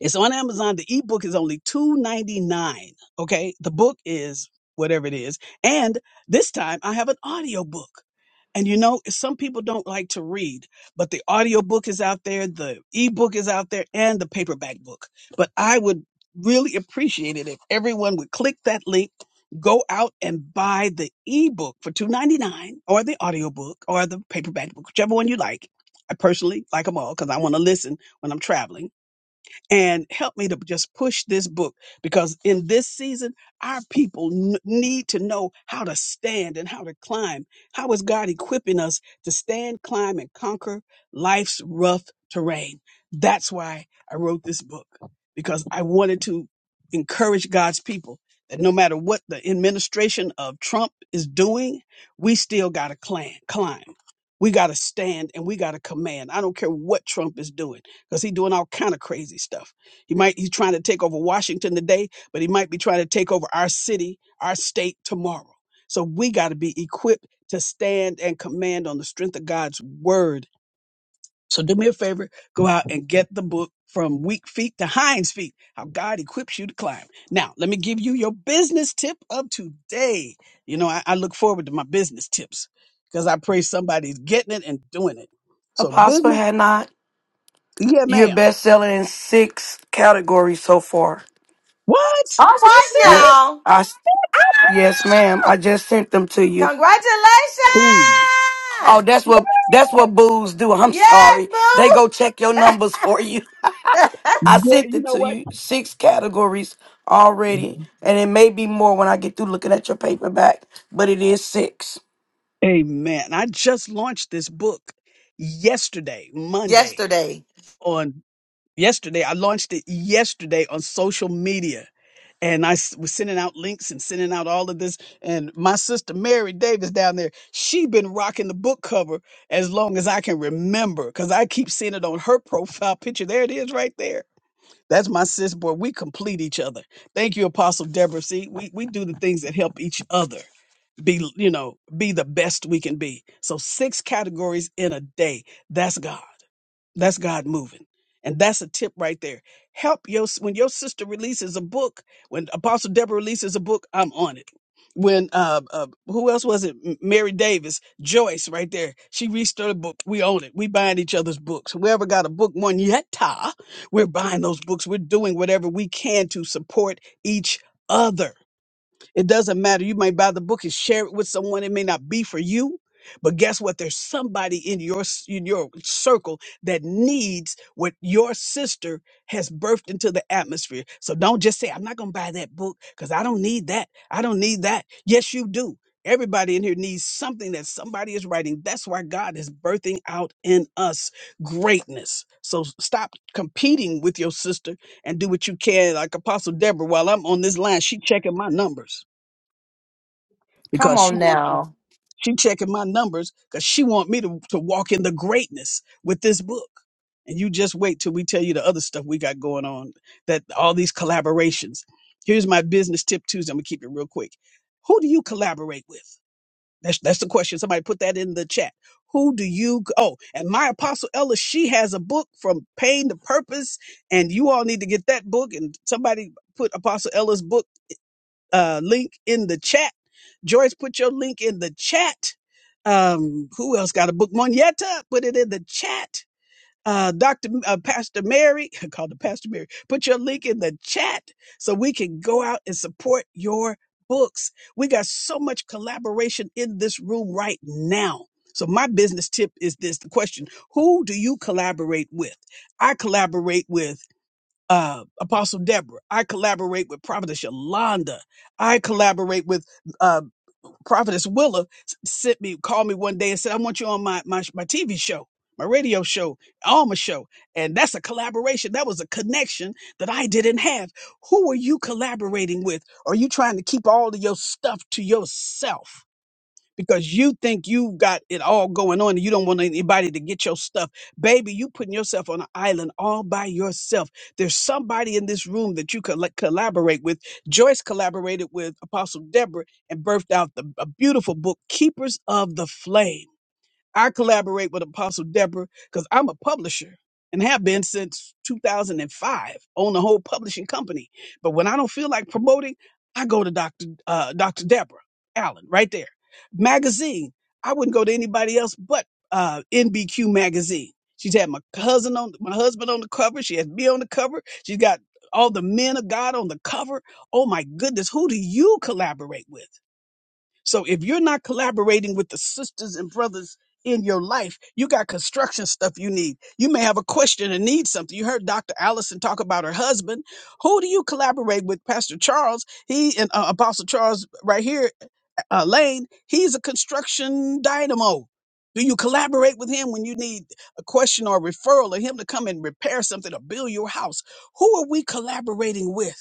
It's on Amazon. The ebook is only two ninety nine. Okay, the book is whatever it is, and this time I have an audio book. And you know, some people don't like to read, but the audio book is out there, the ebook is out there, and the paperback book. But I would really appreciate it if everyone would click that link, go out and buy the ebook for two ninety nine, or the audio book or the paperback book, whichever one you like. I personally like them all because I want to listen when I'm traveling and help me to just push this book because in this season, our people n- need to know how to stand and how to climb. How is God equipping us to stand, climb, and conquer life's rough terrain? That's why I wrote this book because I wanted to encourage God's people that no matter what the administration of Trump is doing, we still got to climb. climb. We got to stand and we got to command. I don't care what Trump is doing because he's doing all kind of crazy stuff. He might he's trying to take over Washington today, but he might be trying to take over our city, our state tomorrow. So we got to be equipped to stand and command on the strength of God's word. So do me a favor, go out and get the book from weak feet to hinds feet, how God equips you to climb. Now, let me give you your business tip of today. You know, I, I look forward to my business tips because I pray somebody's getting it and doing it. So Apostle business, had not. yeah, You're ma'am. best selling in six categories so far. What? All Are you serious? right Yeah, now. I s- yes, ma'am. I just sent them to you. Congratulations! Ooh. Oh, that's what that's what booze do. [laughs] I'm Yes, sorry. They go check your boo! numbers for you. [laughs] I Yeah, sent you it know to what? you. Six categories already, and it may be more when I get through looking at your paperback. But it is six. Amen. I just launched this book yesterday, Monday. Yesterday. On yesterday, I launched it yesterday on social media. And I s- was sending out links and sending out all of this. And my sister Mary Davis down there, she been rocking the book cover as long as I can remember, because I keep seeing it on her [laughs] profile picture. There it is, right there. That's my sis, boy. We complete each other. Thank you, Apostle Deborah. See, we, we do the things that help each other. be you know be the best we can be so six categories in a day that's god that's god moving and that's a tip right there help your when your sister releases a book when apostle deborah releases a book i'm on it when uh, uh who else was it M- mary davis joyce right there she released her book we own it we buying each other's books whoever got a book one yet we're buying those books we're doing whatever we can to support each other it doesn't matter. You might buy the book and share it with someone. It may not be for you, but guess what? There's somebody in your s- in your circle that needs what your sister has birthed into the atmosphere. So don't just say, "I'm not going to buy that book because I don't need that. I don't need that." Yes, you do. Everybody in here needs something that somebody is writing. That's why God is birthing out in us greatness. So s- stop competing with your sister and do what you can. Like Apostle Deborah, while I'm on this line, she checking my numbers Come because she on wants to, now. she checking my numbers because she want me to, to walk in the greatness with this book. And you just wait till we tell you the other stuff we got going on, that all these collaborations. Here's my business tip Tuesday. I'm gonna keep it real quick. Who do you collaborate with? That's that's the question. Somebody put that in the chat. Who do you oh and my apostle Ella, she has a book from pain to purpose, and you all need to get that book. And somebody put Apostle Ella's book uh, link in the chat. Joyce, put your link in the chat. Um, who else got a book? Monietta, put it in the chat. Uh, Dr. M- Uh, Pastor Mary, [laughs] I called her Pastor Mary. Put your link in the chat so we can go out and support your books. We got so much collaboration in this room right now. So my business tip is this: the question, who do you collaborate with? I collaborate with uh, Apostle Deborah. I collaborate with Prophetess Yolanda. I collaborate with uh, Prophetess Willa. S- Sent me, called me one day and said, "I want you on my my my TV show, my radio show, Alma show." And that's a collaboration. That was a connection that I didn't have. Who are you collaborating with? Are you trying to keep all of your stuff to yourself? because you think you've got it all going on and you don't want anybody to get your stuff. Baby, you putting yourself on an island all by yourself. There's somebody in this room that you could like, collaborate with. Joyce collaborated with Apostle Deborah and birthed out the, a beautiful book, Keepers of the Flame. I collaborate with Apostle Deborah because I'm a publisher and have been since 2005. Own a whole publishing company, but when I don't feel like promoting, I go to Doctor uh, Doctor Deborah Allen right there. Magazine. I wouldn't go to anybody else but uh, NBQ magazine. She's had my cousin on my husband on the cover. She has me on the cover. She's got all the men of God on the cover. Oh my goodness, who do you collaborate with? So if you're not collaborating with the sisters and brothers in your life, you got construction stuff you need. You may have a question and need something. You heard Dr. Allison talk about her husband. Who do you collaborate with? Pastor Charles, he and uh, Apostle Charles right here, uh, Lane, he's a construction dynamo. Do you collaborate with him when you need a question or a referral or him to come and repair something or build your house? Who are we collaborating with?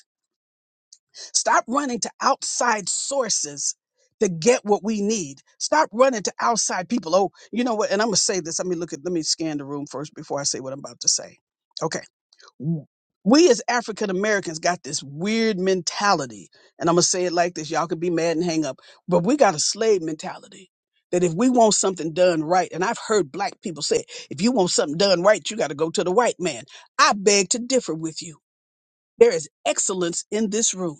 Stop running to outside sources to get what we need. Stop running to outside people. Oh, you know what? And I'm gonna say this. Let me look at. Let me scan the room first before I say what I'm about to say. Okay. W- We as African Americans got this weird mentality, and I'm gonna say it like this. Y'all could be mad and hang up, but we got a slave mentality. That if we want something done right, and I've heard black people say, if you want something done right, you got to go to the white man. I beg to differ with you. There is excellence in this room.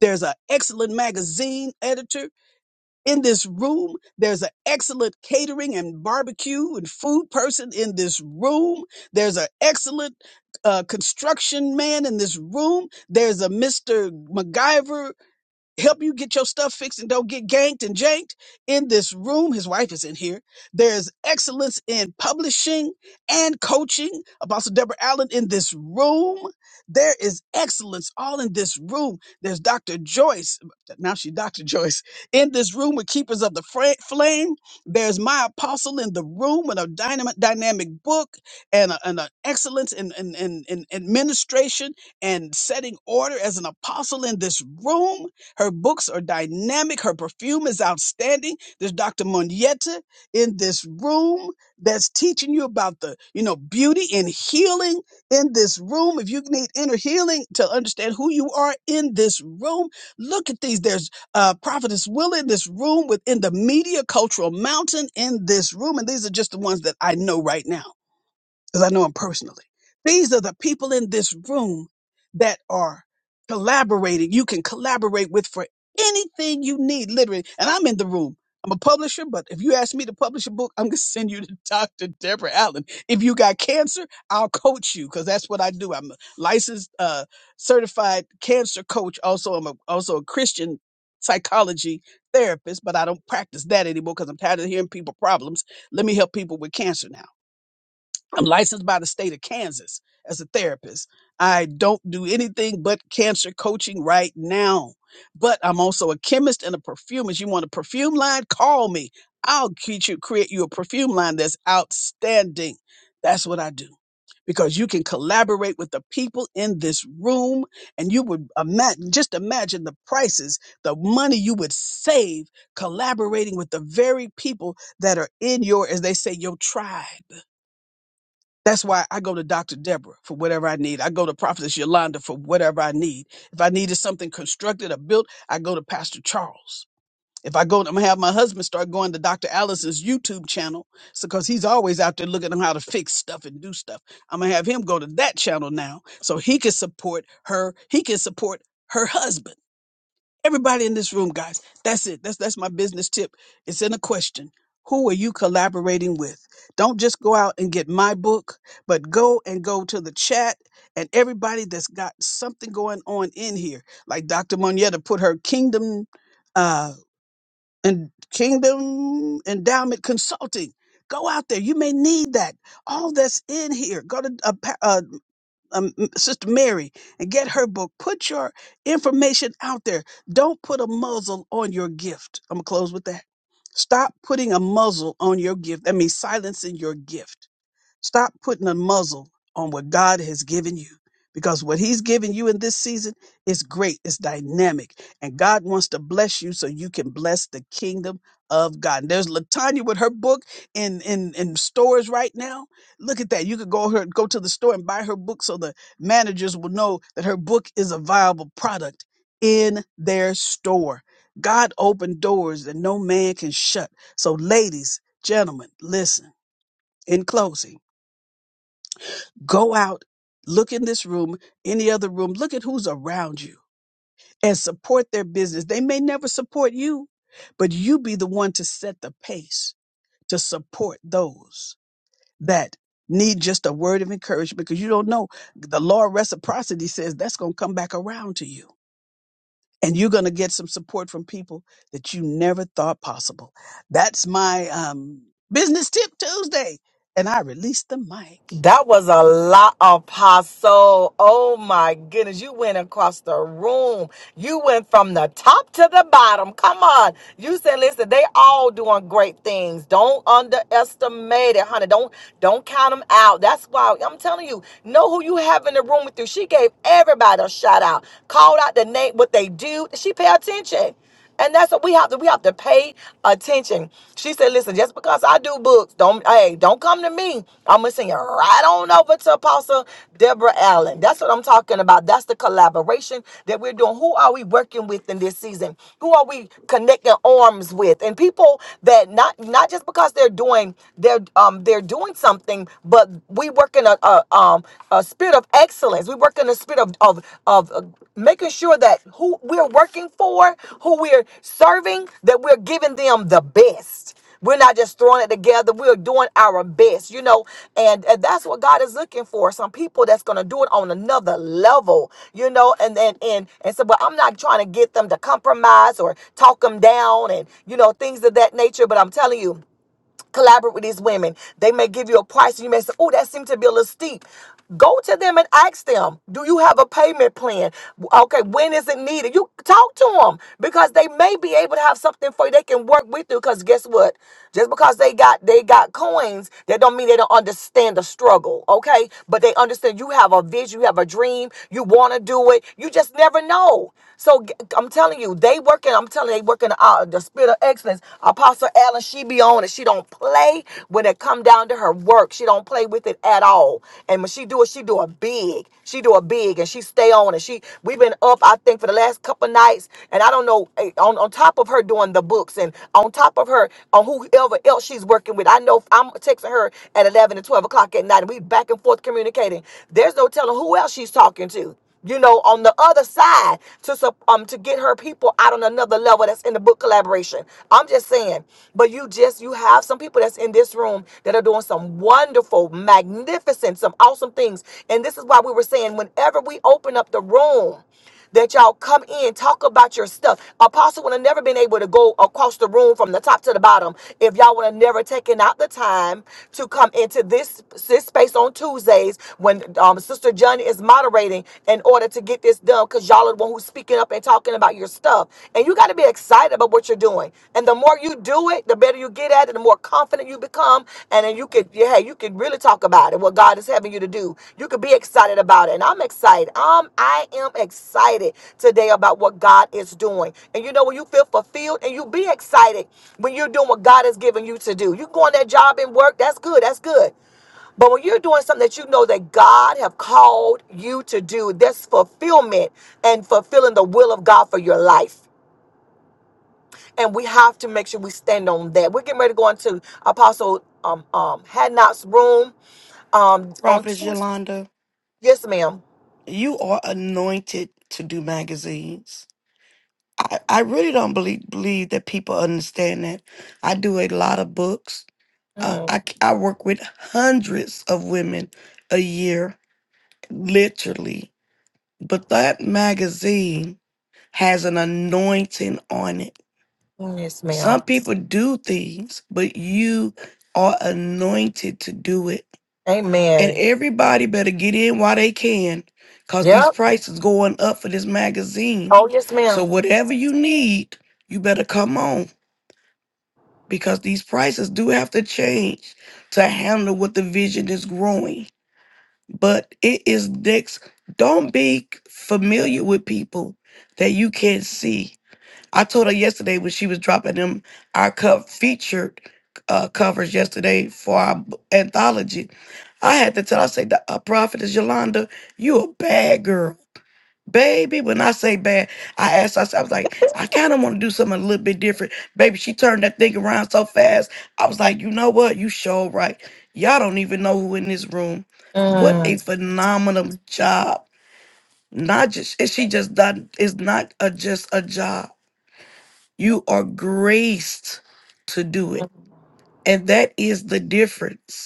There's an excellent magazine editor in this room. There's an excellent catering and barbecue and food person in this room. There's an excellent uh, construction man in this room. There's a Mr. MacGyver help you get your stuff fixed and don't get ganked and janked. In this room, his wife is in here. There's excellence in publishing and coaching. Apostle Deborah Allen in this room. There is excellence all in this room. There's Dr. Joyce. Now she's Dr. Joyce in this room with Keepers of the Fra- Flame. There's my apostle in the room with a dynamic, dynamic book and a- and an excellence in, in, in, in administration and setting order as an apostle in this room her books are dynamic. Her perfume is outstanding. There's Dr. Monietta in this room that's teaching you about the, you know, beauty and healing in this room. If you need inner healing to understand who you are in this room, look at these. There's uh, Prophetess Will in this room within the Media Cultural Mountain in this room. And these are just the ones that I know right now because I know him personally. These are the people in this room that are collaborating. You can collaborate with for anything you need, literally. And I'm in the room. I'm a publisher, but if you ask me to publish a book, I'm gonna [laughs] send you to Dr. Deborah Allen. If you got cancer, I'll coach you because that's what I do. I'm a licensed, uh, certified cancer coach. Also, I'm a, also a Christian psychology therapist, but I don't practice that anymore because I'm tired of hearing people problems. Let me help people with cancer now. I'm licensed by the state of Kansas as a therapist. I don't do anything but cancer coaching right now. But I'm also a chemist and a perfumist. You want a perfume line? Call me. I'll teach you, create you a perfume line that's outstanding. That's what I do. Because you can collaborate with the people in this room and you would imagine, just imagine the prices, the money you would save collaborating with the very people that are in your, as they say, your tribe that's why I go to Dr. Deborah for whatever I need. I go to Prophetess Yolanda for whatever I need. If I needed something constructed or built, I go to Pastor Charles. If I go, I'm gonna have my husband start going to Dr. Allison's YouTube channel so because he's always out there looking at how to fix stuff and do stuff. I'm gonna have him go to that channel now so he can support her. He can support her husband Everybody in this room, guys. That's it. That's that's my business tip. It's in a question. Who are you collaborating with? Don't just go out and get my book, but go and go to the chat and everybody that's got something going on in here. Like Dr. Moneta put her kingdom uh and kingdom endowment consulting. Go out there. You may need that. All that's in here. Go to uh, um, Sister Mary and get her book. Put your information out there. Don't put a muzzle on your gift. I'm going to close with that. Stop putting a muzzle on your gift. That means silencing your gift. Stop putting a muzzle on what God has given you because what He's given you in this season is great, it's dynamic, and God wants to bless you so you can bless the kingdom of God. And there's Latanya with her book in, in, in stores right now. Look at that. You could go her go to the store and buy her book so the managers will know that her book is a viable product in their store. God opened doors that no man can shut. So, ladies, gentlemen, listen in closing. Go out, look in this room, any other room, look at who's around you and support their business. They may never support you, but you be the one to set the pace to support those that need just a word of encouragement because you don't know. The law of reciprocity says that's going to come back around to you. And you're going to get some support from people that you never thought possible. That's my um, business tip Tuesday. And I release the mic. That was a lot, Apostle. Oh my goodness. You went across the room. You went from the top to the bottom. Come on. You said, listen, they all doing great things. Don't underestimate it, honey. Don't Don't count them out. That's why I'm telling you, know who you have in the room with you. She gave everybody a shout out, called out the name, what they do. She pay attention. And that's what we have to we have to pay attention. She said, listen, just because I do books, don't hey, don't come to me. I'm gonna send you right on over to Apostle Deborah Allen. That's what I'm talking about. That's the collaboration that we're doing. Who are we working with in this season? Who are we connecting arms with? And people that not not just because they're doing they're um they're doing something, but we work in a, a um a spirit of excellence. We work in a spirit of of of uh, making sure that who we're working for, who we're serving, that we're giving them the best. We're not just throwing it together. We're doing our best, you know, and, and that's what God is looking for. Some people that's going to do it on another level, you know, and and and and so. But I'm not trying to get them to compromise or talk them down, and you know, things of that nature. But I'm telling you collaborate with these women. They may give you a price, and you may say, "Oh, that seemed to be a little steep." Go to them and ask them, "Do you have a payment plan? Okay, when is it needed?" You talk to them because they may be able to have something for you. They can work with you because guess what? Just because they got they got coins, that don't mean they don't understand the struggle. Okay, but they understand you have a vision, you have a dream, you want to do it. You just never know. So g- I'm telling you, they working. I'm telling you, they working uh, the spirit of excellence. Apostle Allen, she be on it. She don't play when it come down to her work. She don't play with it at all. And when she do it, she do it big. She do it big, and she stay on it. She we've been up, I think, for the last couple nights, and I don't know eh, on on top of her doing the books and on top of her on whoever else she's working with. I know I'm texting her at eleven and twelve o'clock at night, and we back and forth communicating. There's no telling who else she's talking to you know, on the other side to sup- um to get her people out on another level. That's in the book collaboration. I'm just saying, but you just you have some people that's in this room that are doing some wonderful, magnificent, some awesome things. And this is why we were saying, whenever we open up the room that y'all come in, talk about your stuff. Apostle would have never been able to go across the room from the top to the bottom if y'all would have never taken out the time to come into this, this space on Tuesdays when um, Sister Johnny is moderating in order to get this done because y'all are the one who's speaking up and talking about your stuff. And you got to be excited about what you're doing. And the the more you do it, the better you get at it, the more confident you become, and then you could, yeah, hey, you could really talk about it. What God is having you to do, you could be excited about it. And I'm excited. Um, I am excited today about what God is doing. And you know when you feel fulfilled, and you be excited when you're doing what God has given you to do. You go on that job and work. That's good. That's good. But when you're doing something that you know that God have called you to do, there's fulfillment and fulfilling the will of God for your life and we have to make sure we stand on that. We're getting ready to go into Apostle um um Hadnot's room. Um on Prophetess Yolanda, yes, madam you are anointed to do magazines. I, I really don't believe believe that people understand that. I do a lot of books. Uh, hmm I I work with hundreds of women a year, literally. But that magazine has an anointing on it. Yes, ma'am. Some people do things, but you are anointed to do it And Amen. everybody better get in while they can, cause these Yep. prices going up for this magazine. Oh yes, So ma'am. whatever you need, you better come on, because these prices do have to change to handle what the vision is growing. But it is next. Don't be familiar with people that you can't see. I told her yesterday when she was dropping them our cup featured uh, covers yesterday for our b- anthology. I had to tell. I said, "The uh, prophetess Yolanda, you a bad girl, baby." When I say bad, I asked. I, said, I was like, I kind of want to do something a little bit different, baby. She turned that thing around so fast. I was like, you know what? You sure right. Y'all don't even know who in this room. What Mm. a phenomenal job! Not just and she just done. It's not a, just a job you are graced to do it. And that is the difference.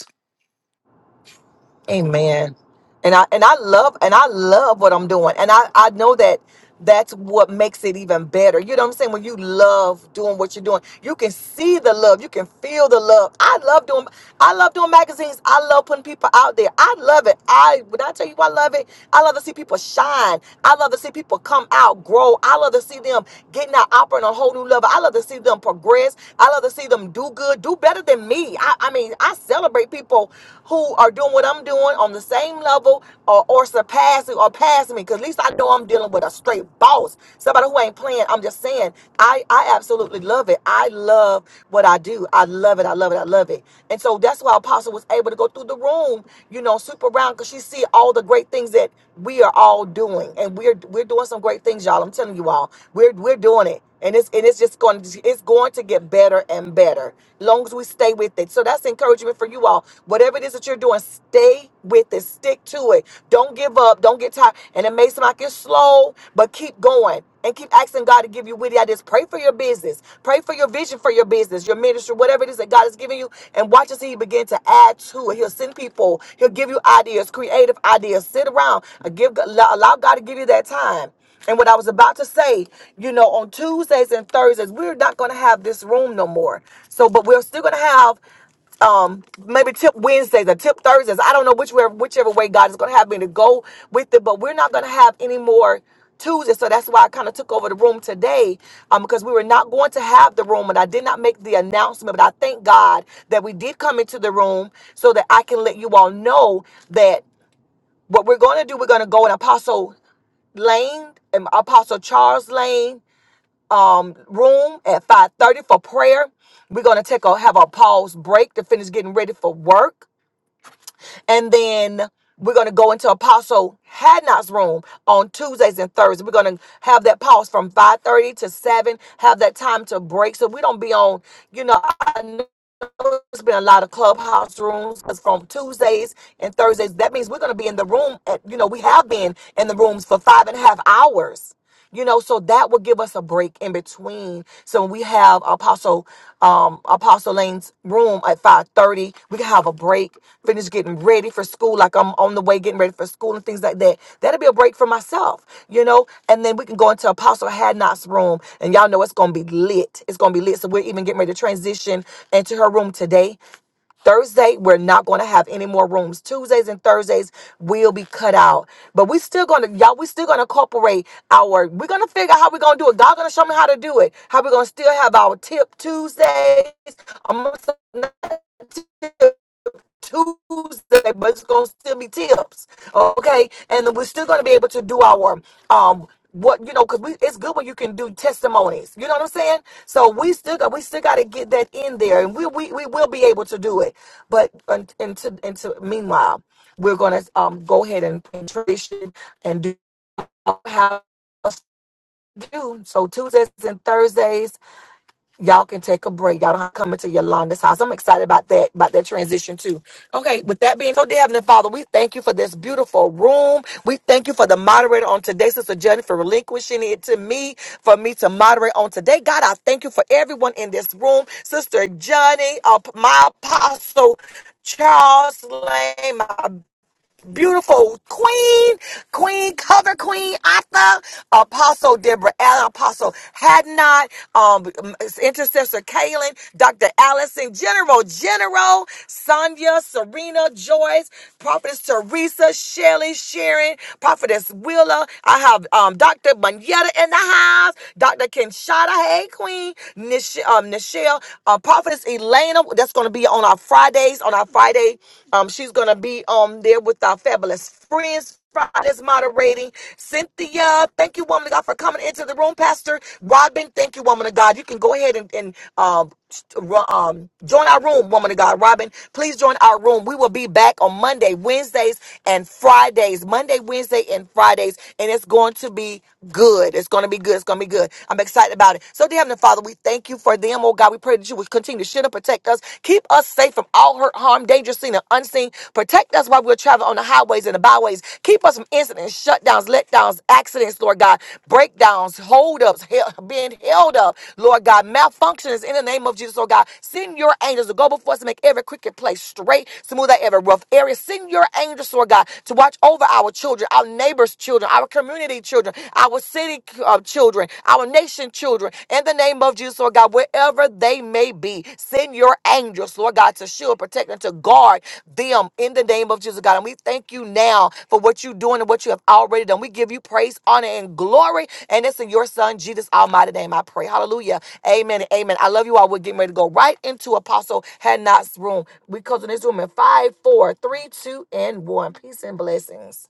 Amen. And I and I love and I love what I'm doing. And I I know that that's what makes it even better. You know what I'm saying? When you love doing what you're doing, you can see the love, you can feel the love. I love doing I love doing magazines. I love putting people out there. I love it. I when I tell you I love it, I love to see people shine. I love to see people come out, grow. I love to see them getting out operating on a whole new level. I love to see them progress. I love to see them do good, do better than me. I, I mean, I celebrate people who are doing what I'm doing on the same level or, or surpassing or passing me. Cause at least I know I'm dealing with a straight boss. Somebody who ain't playing. I'm just saying, I, I absolutely love it. I love what I do. I love it. I love it. I love it. And so that's why Apostle was able to go through the room, you know, super round because she see all the great things that we are all doing. And we're we're doing some great things, y'all. I'm telling you all, we're we're doing it and it's and it's just going to it's going to get better and better long as we stay with it so that's encouragement for you all whatever it is that you're doing stay with it stick to it don't give up don't get tired and it may seem like it's slow but keep going and keep asking God to give you witty ideas. Pray for your business. Pray for your vision for your business, your ministry, whatever it is that God is giving you. And watch as He begin to add to it. He'll send people. He'll give you ideas, creative ideas. Sit around. Give allow allow God to give you that time. And what I was about to say, you know, on Tuesdays and Thursdays, we're not going to have this room no more. So, but we're still going to have um maybe tip Wednesdays or tip Thursdays. I don't know which way, whichever way God is going to have me to go with it, but we're not going to have any more Tuesdays. So that's why I kind of took over the room today um, because we were not going to have the room and I did not make the announcement. But I thank God that we did come into the room so that I can let you all know that what we're going to do, we're going to go and Apostle. Lane, and Apostle Charles Lane um, room at 5:30 for prayer. We're gonna take a have a pause break to finish getting ready for work, and then we're gonna go into Apostle Hadnot's room on Tuesdays and Thursdays. We're gonna have that pause from 5:30 to 7. Have that time to break so we don't be on. You know, there has been a lot of clubhouse rooms because from Tuesdays and Thursdays, that means we're going to be in the room. At, you know, we have been in the rooms for five and a half hours. You know, so that will give us a break in between. So we have Apostle um, Apostle Lane's room home at 5.30. We can have a break, finish getting ready for school, like I'm on the way getting ready for school and things like that. That'll be a break for myself, you know? And then we can go into Apostle Hadnot's room, and y'all know it's going to be lit. It's going to be lit. So we're even getting ready to transition into her room today. Thursday, we're not going to have any more rooms. Tuesdays and Thursdays will be cut out. But we still going to, y'all, we still going to incorporate our, we're going to figure out how we're going to do it. God going to show me how to do it. How we're going to still have our tip Tuesdays. I'm going to Tuesday, but it's gonna still be tips, okay? And then we're still gonna be able to do our um what you know because we it's good when you can do testimonies. You know what I'm saying? So we still got we still got to get that in there, and we we, we will be able to do it. But un- until until meanwhile, we're gonna um go ahead and, and tradition and do how us do so Tuesdays and Thursdays. Y'all can take a break. Y'all don't have to come into Yolanda's house. I'm excited about that, about that transition too. Okay, with that being so, dear Heavenly Father, we thank you for this beautiful room. We thank you for the moderator on today, Sister Jenny, for relinquishing it to me, for me to moderate on today. God, I thank you for everyone in this room. Sister Johnny, uh, my apostle, Charles Lane, my beautiful queen, queen, cover queen, Atha, Apostle Deborah Allen, Apostle Hadnot, um, Intercessor Kaylin, Dr. Allison, General, General, Sonia, Serena, Joyce, Prophetess Teresa, Shelley, Sharon, Prophetess Willa. I have um, Dr. Manetta in the house, Dr. Kinshada, hey queen, Nish- um, Nichelle, uh, Prophetess Elena, that's going to be on our Friday. Fridays on our Friday. Um, she's gonna be um there with our fabulous friends. Fridays moderating. Cynthia, thank you, woman of God, for coming into the room. Pastor Robin, thank you, woman of God. You can go ahead and, and um, st- um, join our room, woman of God. Robin, please join our room. We will be back on Monday, Wednesdays, and Fridays. Monday, Wednesday, and Fridays. And it's going to be good. It's going to be good. It's going to be good. I'm excited about it. So, dear Heavenly Father, we thank you you for them, oh God. We pray that you would continue to shield and protect us. Keep us safe from all hurt, harm, danger, seen and unseen. Protect us while we're traveling on the highways and the byways. Keep us from incidents, shutdowns, letdowns, accidents, Lord God. Breakdowns, holdups, he- being held up, Lord God. Malfunctions in the name of Jesus, oh God. Send your angels to go before us to make every cricket place straight, smooth out every rough area. Send your angels, Lord God, to watch over our children, our neighbors' children, our community children, our city street uh, children, our nation children, in the name of Jesus, Lord God, wherever they may be, send your angels, Lord God, to shield, protect, and to guard them in the name of Jesus, God. And we thank you now for what you're doing and what you have already done. We give you praise, honor, and glory. And it's in your son, Jesus' almighty name, I pray. Hallelujah. Amen and amen. I love you all. We're getting ready to go right into Apostle Hadnot's room. We close in this room in five, four, three, two, and one. Peace and blessings.